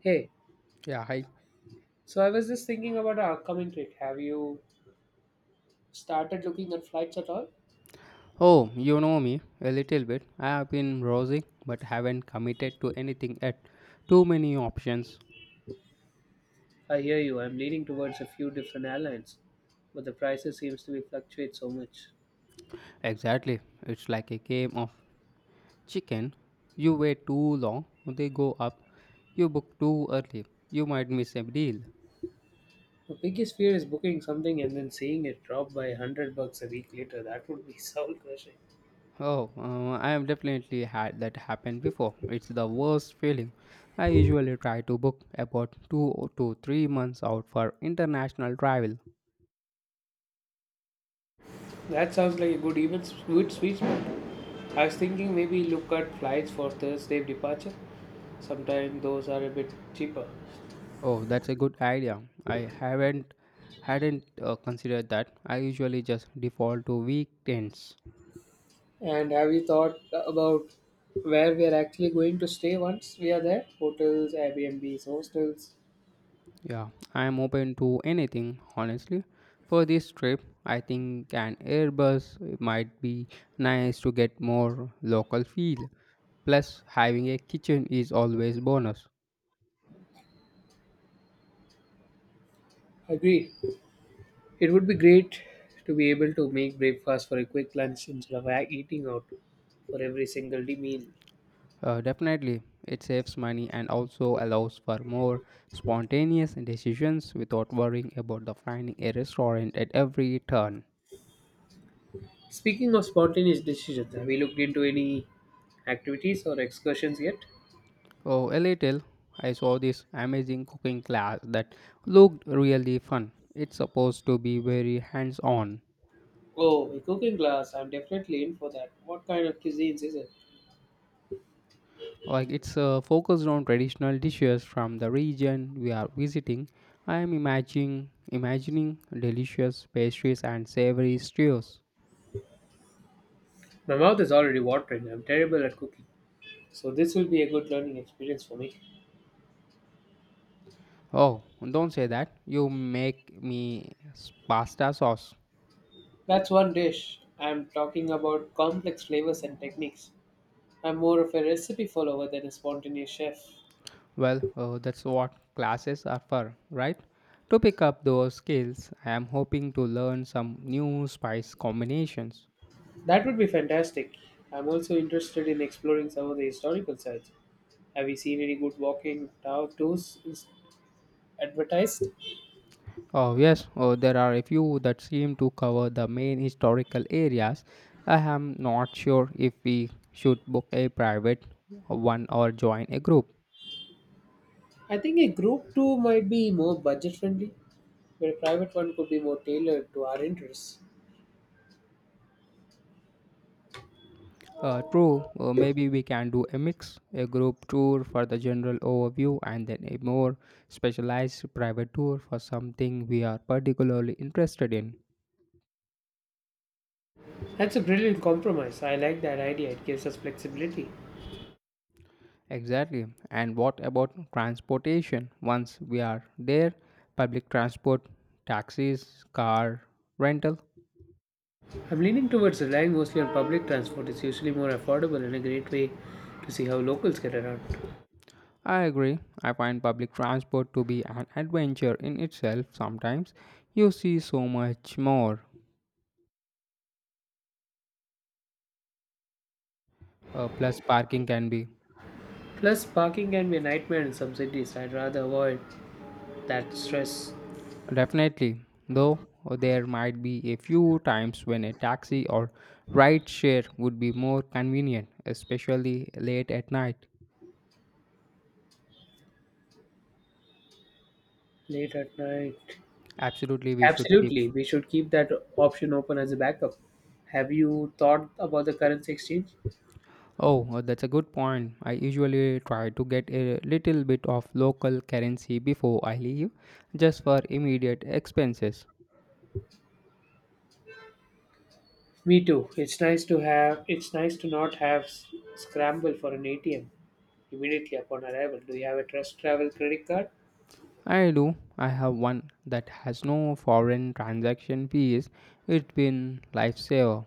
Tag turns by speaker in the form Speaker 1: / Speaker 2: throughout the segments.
Speaker 1: Hey,
Speaker 2: Yeah, hi.
Speaker 1: so I was just thinking about our upcoming trip. Have you started looking at flights at all?
Speaker 2: Oh, you know me a little bit. I have been browsing but haven't committed to anything yet. Too many options.
Speaker 1: I hear you. I'm leaning towards a few different airlines, but the prices seems to be fluctuate so much.
Speaker 2: Exactly. It's like a game of chicken. You wait too long, they go up. You book too early, you might miss a deal.
Speaker 1: The biggest fear is booking something and then seeing it drop by 100 bucks a week later. That would be soul crushing.
Speaker 2: Oh, I have definitely had that happen before. It's the worst feeling. I usually try to book about 2 to 3 months out for international travel.
Speaker 1: That sounds like a good sweet spot. I was thinking maybe look at flights for Thursday departure. Sometimes those are a bit cheaper.
Speaker 2: Oh, that's a good idea. I haven't hadn't considered that. I usually just default to weekends.
Speaker 1: And have you thought about where we are actually going to stay once we are there? Hotels, Airbnbs, hostels.
Speaker 2: Yeah, I am open to anything, honestly. For this trip, I think an Airbus might be nice to get more local feel. Plus, having a kitchen is always bonus.
Speaker 1: Agreed. It would be great to be able to make breakfast for a quick lunch instead of eating out for every single day meal.
Speaker 2: Definitely, it saves money and also allows for more spontaneous decisions without worrying about the finding a restaurant at every turn.
Speaker 1: Speaking of spontaneous decisions, have you looked into any activities or excursions yet?
Speaker 2: Oh, a little. I saw this amazing cooking class that looked really fun. It's supposed to be very hands on.
Speaker 1: Oh, a cooking class. I'm definitely in for that. What kind of cuisines is it?
Speaker 2: It's focused on traditional dishes from the region we are visiting. I am imagining delicious pastries and savory stews.
Speaker 1: My mouth is already watering. I'm terrible at cooking. So this will be a good learning experience for me.
Speaker 2: Oh, don't say that. You make me pasta sauce.
Speaker 1: That's one dish. I'm talking about complex flavors and techniques. I'm more of a recipe follower than a spontaneous chef.
Speaker 2: Well, that's what classes are for, right? To pick up those skills, I am hoping to learn some new spice combinations.
Speaker 1: That would be fantastic. I'm also interested in exploring some of the historical sites. Have you seen any good walking tour tours is advertised?
Speaker 2: Oh, yes, oh, there are a few that seem to cover the main historical areas. I am not sure if we should book a private one or join a group.
Speaker 1: I think a group tour might be more budget friendly, but a private one could be more tailored to our interests.
Speaker 2: True, maybe we can do a mix, a group tour for the general overview, and then a more specialized private tour for something we are particularly interested in.
Speaker 1: That's a brilliant compromise. I like that idea. It gives us flexibility.
Speaker 2: Exactly. And what about transportation? Once we are there, public transport, taxis, car, rental.
Speaker 1: I'm leaning towards relying mostly on public transport. It's usually more affordable and a great way to see how locals get around.
Speaker 2: I agree. I find public transport to be an adventure in itself sometimes. You see so much more. Plus, parking can be.
Speaker 1: Plus, parking can be a nightmare in some cities. I'd rather avoid that stress
Speaker 2: Definitely. Though there might be a few times when a taxi or ride share would be more convenient, especially late at night.
Speaker 1: late at night.
Speaker 2: Absolutely, we should keep.
Speaker 1: Absolutely, we should keep that option open as a backup. Have you thought about the currency exchange?
Speaker 2: Oh, that's a good point. I usually try to get a little bit of local currency before I leave, just for immediate expenses.
Speaker 1: Me too. It's nice to have. It's nice to not have scramble for an ATM immediately upon arrival. Do you have a Trust Travel credit card?
Speaker 2: I do. I have one that has no foreign transaction fees. It's been lifesaver.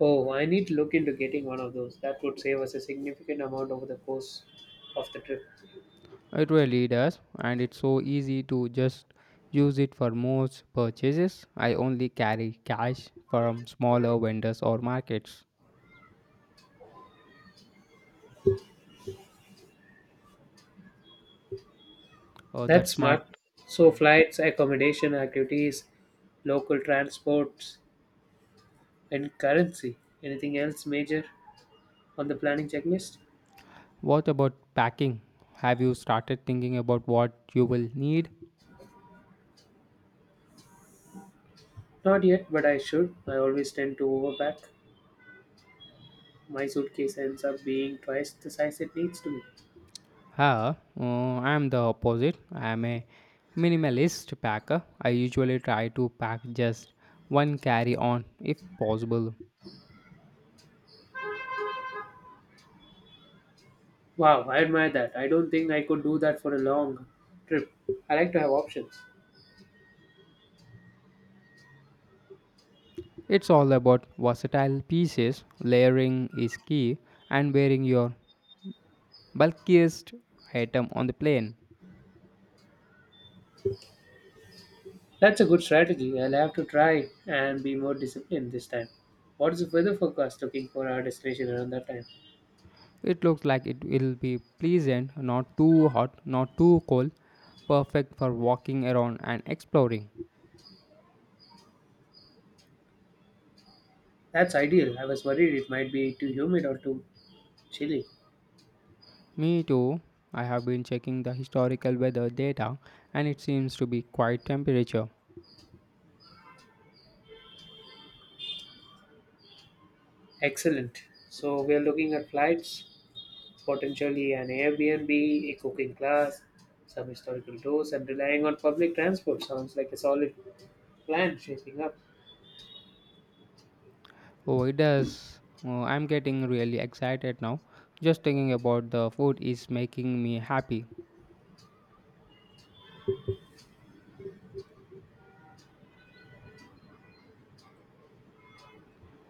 Speaker 1: Oh, I need to look into getting one of those. That would save us a significant amount over the course of the trip.
Speaker 2: It really does, and it's so easy to just use it for most purchases. I only carry cash from smaller vendors or markets. Oh, that's
Speaker 1: That's
Speaker 2: smart.
Speaker 1: smart. So,
Speaker 2: Hmm.
Speaker 1: flights, accommodation, activities, local transports, and currency. Anything else major on the planning checklist?
Speaker 2: What about packing? Have you started thinking about what you will need?
Speaker 1: Not yet, but I should. I always tend to overpack. My suitcase ends up being twice the size it needs to be.
Speaker 2: Ah, I am the opposite. I am a minimalist packer. I usually try to pack just one carry on if possible.
Speaker 1: Wow, I admire that. I don't think I could do that for a long trip. I like to have options.
Speaker 2: It's all about versatile pieces. Layering is key and wearing your bulkiest item on the plane.
Speaker 1: That's a good strategy. I'll have to try and be more disciplined this time. What is the weather forecast looking for our destination around that time?
Speaker 2: It looks like it will be pleasant, not too hot, not too cold, perfect for walking around and exploring.
Speaker 1: That's ideal. I was worried it might be too humid or too chilly.
Speaker 2: Me too. I have been checking the historical weather data and it seems to be quite temperature.
Speaker 1: Excellent. So we are looking at flights, potentially an Airbnb, a cooking class, some historical tours, and relying on public transport. Sounds like a solid plan shaping up.
Speaker 2: Oh, it does. Oh, I'm getting really excited now. Just thinking about the food is making me happy.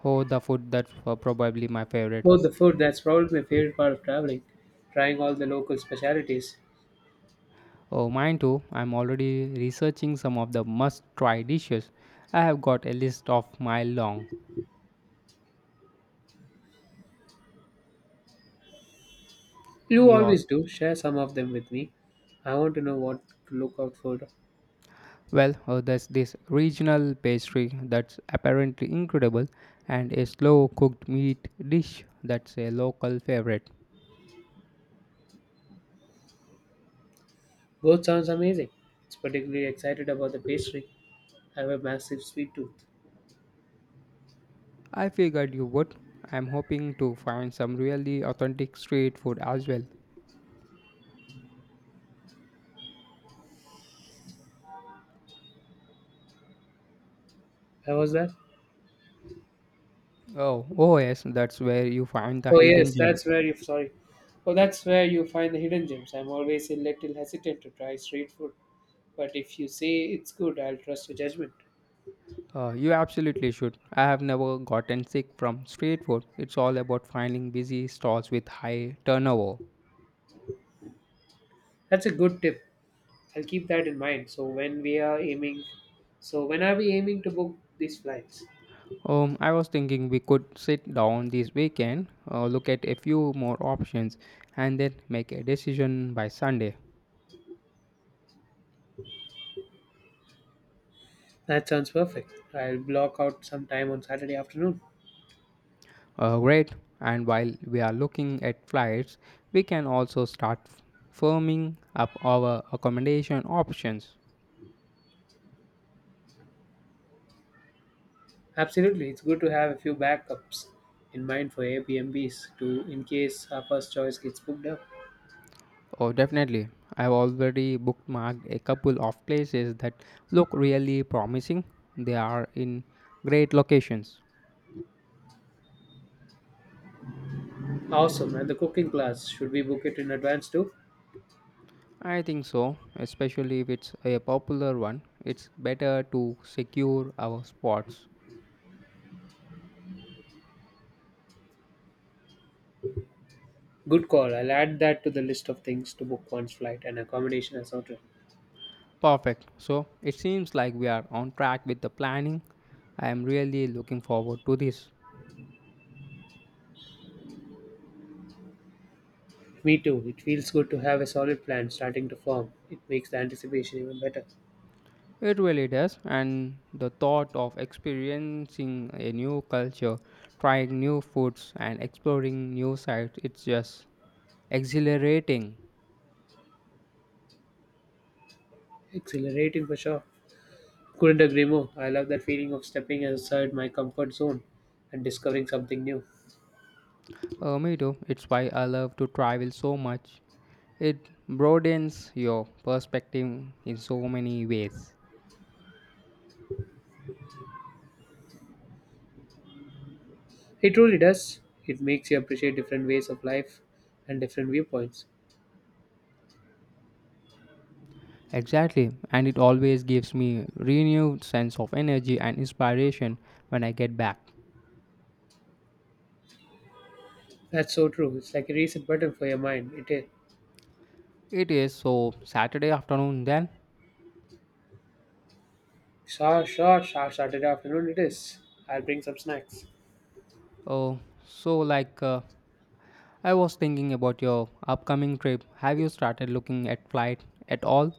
Speaker 2: Oh, the food, that's probably my favorite.
Speaker 1: Oh, the food. That's probably my favorite part of traveling. Trying all the local specialties.
Speaker 2: Oh, mine too. I'm already researching some of the must try dishes. I have got a list of mile long.
Speaker 1: You
Speaker 2: Yours.
Speaker 1: always do. Share some of them with me. I want to know what to look out for.
Speaker 2: Well, there's this regional pastry that's apparently incredible, and a slow cooked meat dish that's a local favorite.
Speaker 1: Both sounds amazing. It's particularly excited about the pastry. I have a massive sweet tooth.
Speaker 2: I figured you would. I'm hoping to find some really authentic street food as well.
Speaker 1: How was that?
Speaker 2: Oh, oh yes, that's where you find the
Speaker 1: Oh
Speaker 2: hidden
Speaker 1: yes,
Speaker 2: gems.
Speaker 1: that's where you sorry. Oh, that's where you find the hidden gems. I'm always a little hesitant to try street food, but if you say it's good, I'll trust your judgment.
Speaker 2: You absolutely should. I have never gotten sick from street food. It's all about finding busy stalls with high turnover.
Speaker 1: That's a good tip. I'll keep that in mind. So when are we aiming to book these flights?
Speaker 2: I was thinking we could sit down this weekend, look at a few more options, and then make a decision by Sunday.
Speaker 1: That sounds perfect. I'll block out some time on Saturday afternoon.
Speaker 2: Great. And while we are looking at flights, we can also firming up our accommodation options.
Speaker 1: Absolutely, it's good to have a few backups in mind for Airbnbs too, in case our first choice gets booked up.
Speaker 2: Oh, definitely. I've already bookmarked a couple of places that look really promising. They are in great locations.
Speaker 1: Awesome, and the cooking class should we book it in advance too?
Speaker 2: I think so, especially if it's a popular one. It's better to secure our spots.
Speaker 1: Good call. I'll add that to the list of things to book one's flight and accommodation as ordered.
Speaker 2: Perfect. So it seems like we are on track with the planning. I am really looking forward to this.
Speaker 1: Me too. It feels good to have a solid plan starting to form. It makes the anticipation even better.
Speaker 2: It really does, and the thought of experiencing a new culture, trying new foods, and exploring new sites, it's just exhilarating.
Speaker 1: Exhilarating for sure. Couldn't agree more. I love that feeling of stepping outside my comfort zone and discovering something new.
Speaker 2: Me too. It's why I love to travel so much. It broadens your perspective in so many ways.
Speaker 1: It really does. It makes you appreciate different ways of life and different viewpoints.
Speaker 2: Exactly, and it always gives me renewed sense of energy and inspiration when I get back.
Speaker 1: That's so true. It's like a reset button for your mind. It is.
Speaker 2: It is so Saturday afternoon then.
Speaker 1: Sure, sure, sure. Saturday afternoon it is. I'll bring some snacks.
Speaker 2: Oh, so like uh, I was thinking about your upcoming trip. Have you started looking at flight at all?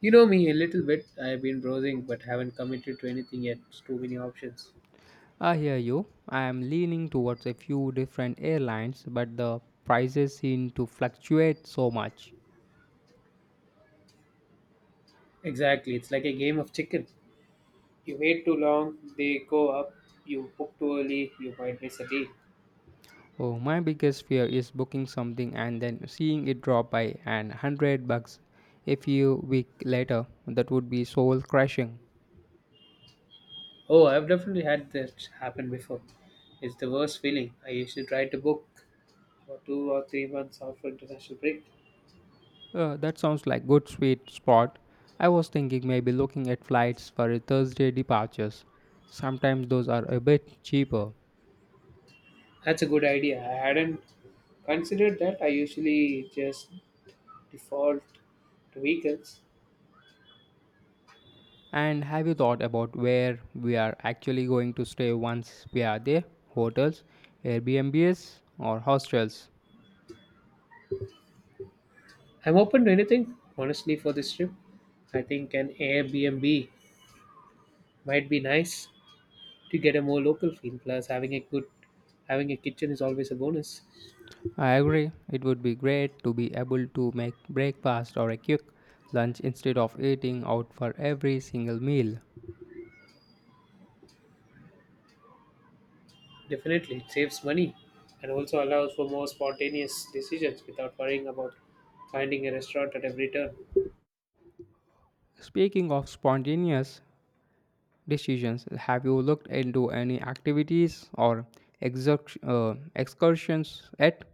Speaker 1: You know me a little bit. I've been browsing but haven't committed to anything yet. It's too many options.
Speaker 2: I hear you. I am leaning towards a few different airlines, but the prices seem to fluctuate so much.
Speaker 1: Exactly. It's like a game of chicken. You wait too long, they go up. You book too early, you might miss a deal.
Speaker 2: Oh, my biggest fear is booking something and then seeing it drop by an 100 bucks a few week later. That would be soul crushing.
Speaker 1: Oh, I've definitely had that happen before. It's the worst feeling. I usually try to book for 2 or 3 months of international break.
Speaker 2: That sounds like good sweet spot. I was thinking maybe looking at flights for a Thursday departures. Sometimes those are a bit cheaper.
Speaker 1: That's a good idea. I hadn't considered that. I usually just default to weekends.
Speaker 2: And have you thought about where we are actually going to stay once we are there? Hotels, Airbnbs, or hostels?
Speaker 1: I'm open to anything, honestly, for this trip. I think an Airbnb might be nice to get a more local feel. Plus, having a kitchen is always a bonus.
Speaker 2: I agree. It would be great to be able to make breakfast or a quick lunch instead of eating out for every single meal.
Speaker 1: Definitely, it saves money and also allows for more spontaneous decisions without worrying about finding a restaurant at every turn.
Speaker 2: Speaking of spontaneous decisions, have you looked into any activities or excursions at?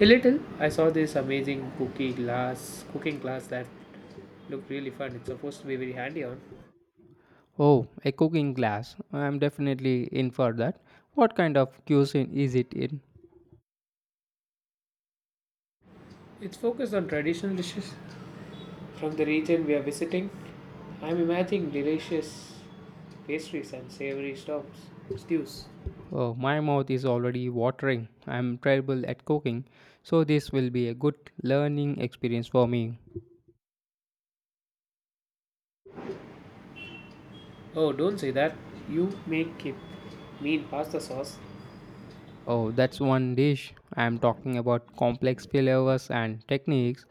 Speaker 1: A little. I saw this amazing cookie glass cooking class that looked really fun. It's supposed to be very handy on.
Speaker 2: Oh, a cooking class. I'm definitely in for that. What kind of cuisine is it in?
Speaker 1: It's focused on traditional dishes from the region we are visiting. I'm imagining delicious pastries and savory stops stews.
Speaker 2: Oh, my mouth is already watering. I'm terrible at cooking, so this will be a good learning experience for me.
Speaker 1: Oh, don't say that. You make it mean pasta sauce.
Speaker 2: Oh, that's one dish. I'm talking about complex flavors and techniques.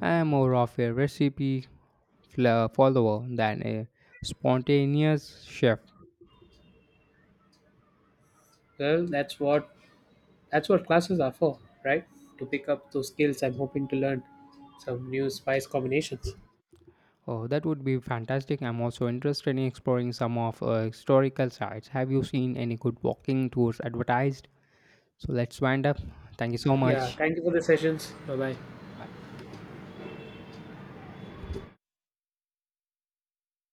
Speaker 2: I'm more of a recipe follower than a spontaneous chef.
Speaker 1: Well, that's what classes are for, right? To pick up those skills. I'm hoping to learn some new spice combinations.
Speaker 2: Oh, that would be fantastic. I'm also interested in exploring some of historical sites. Have you seen any good walking tours advertised? So let's wind up. Thank you so
Speaker 1: Yeah.
Speaker 2: much.
Speaker 1: Thank you for the sessions. Bye bye.
Speaker 2: Bye.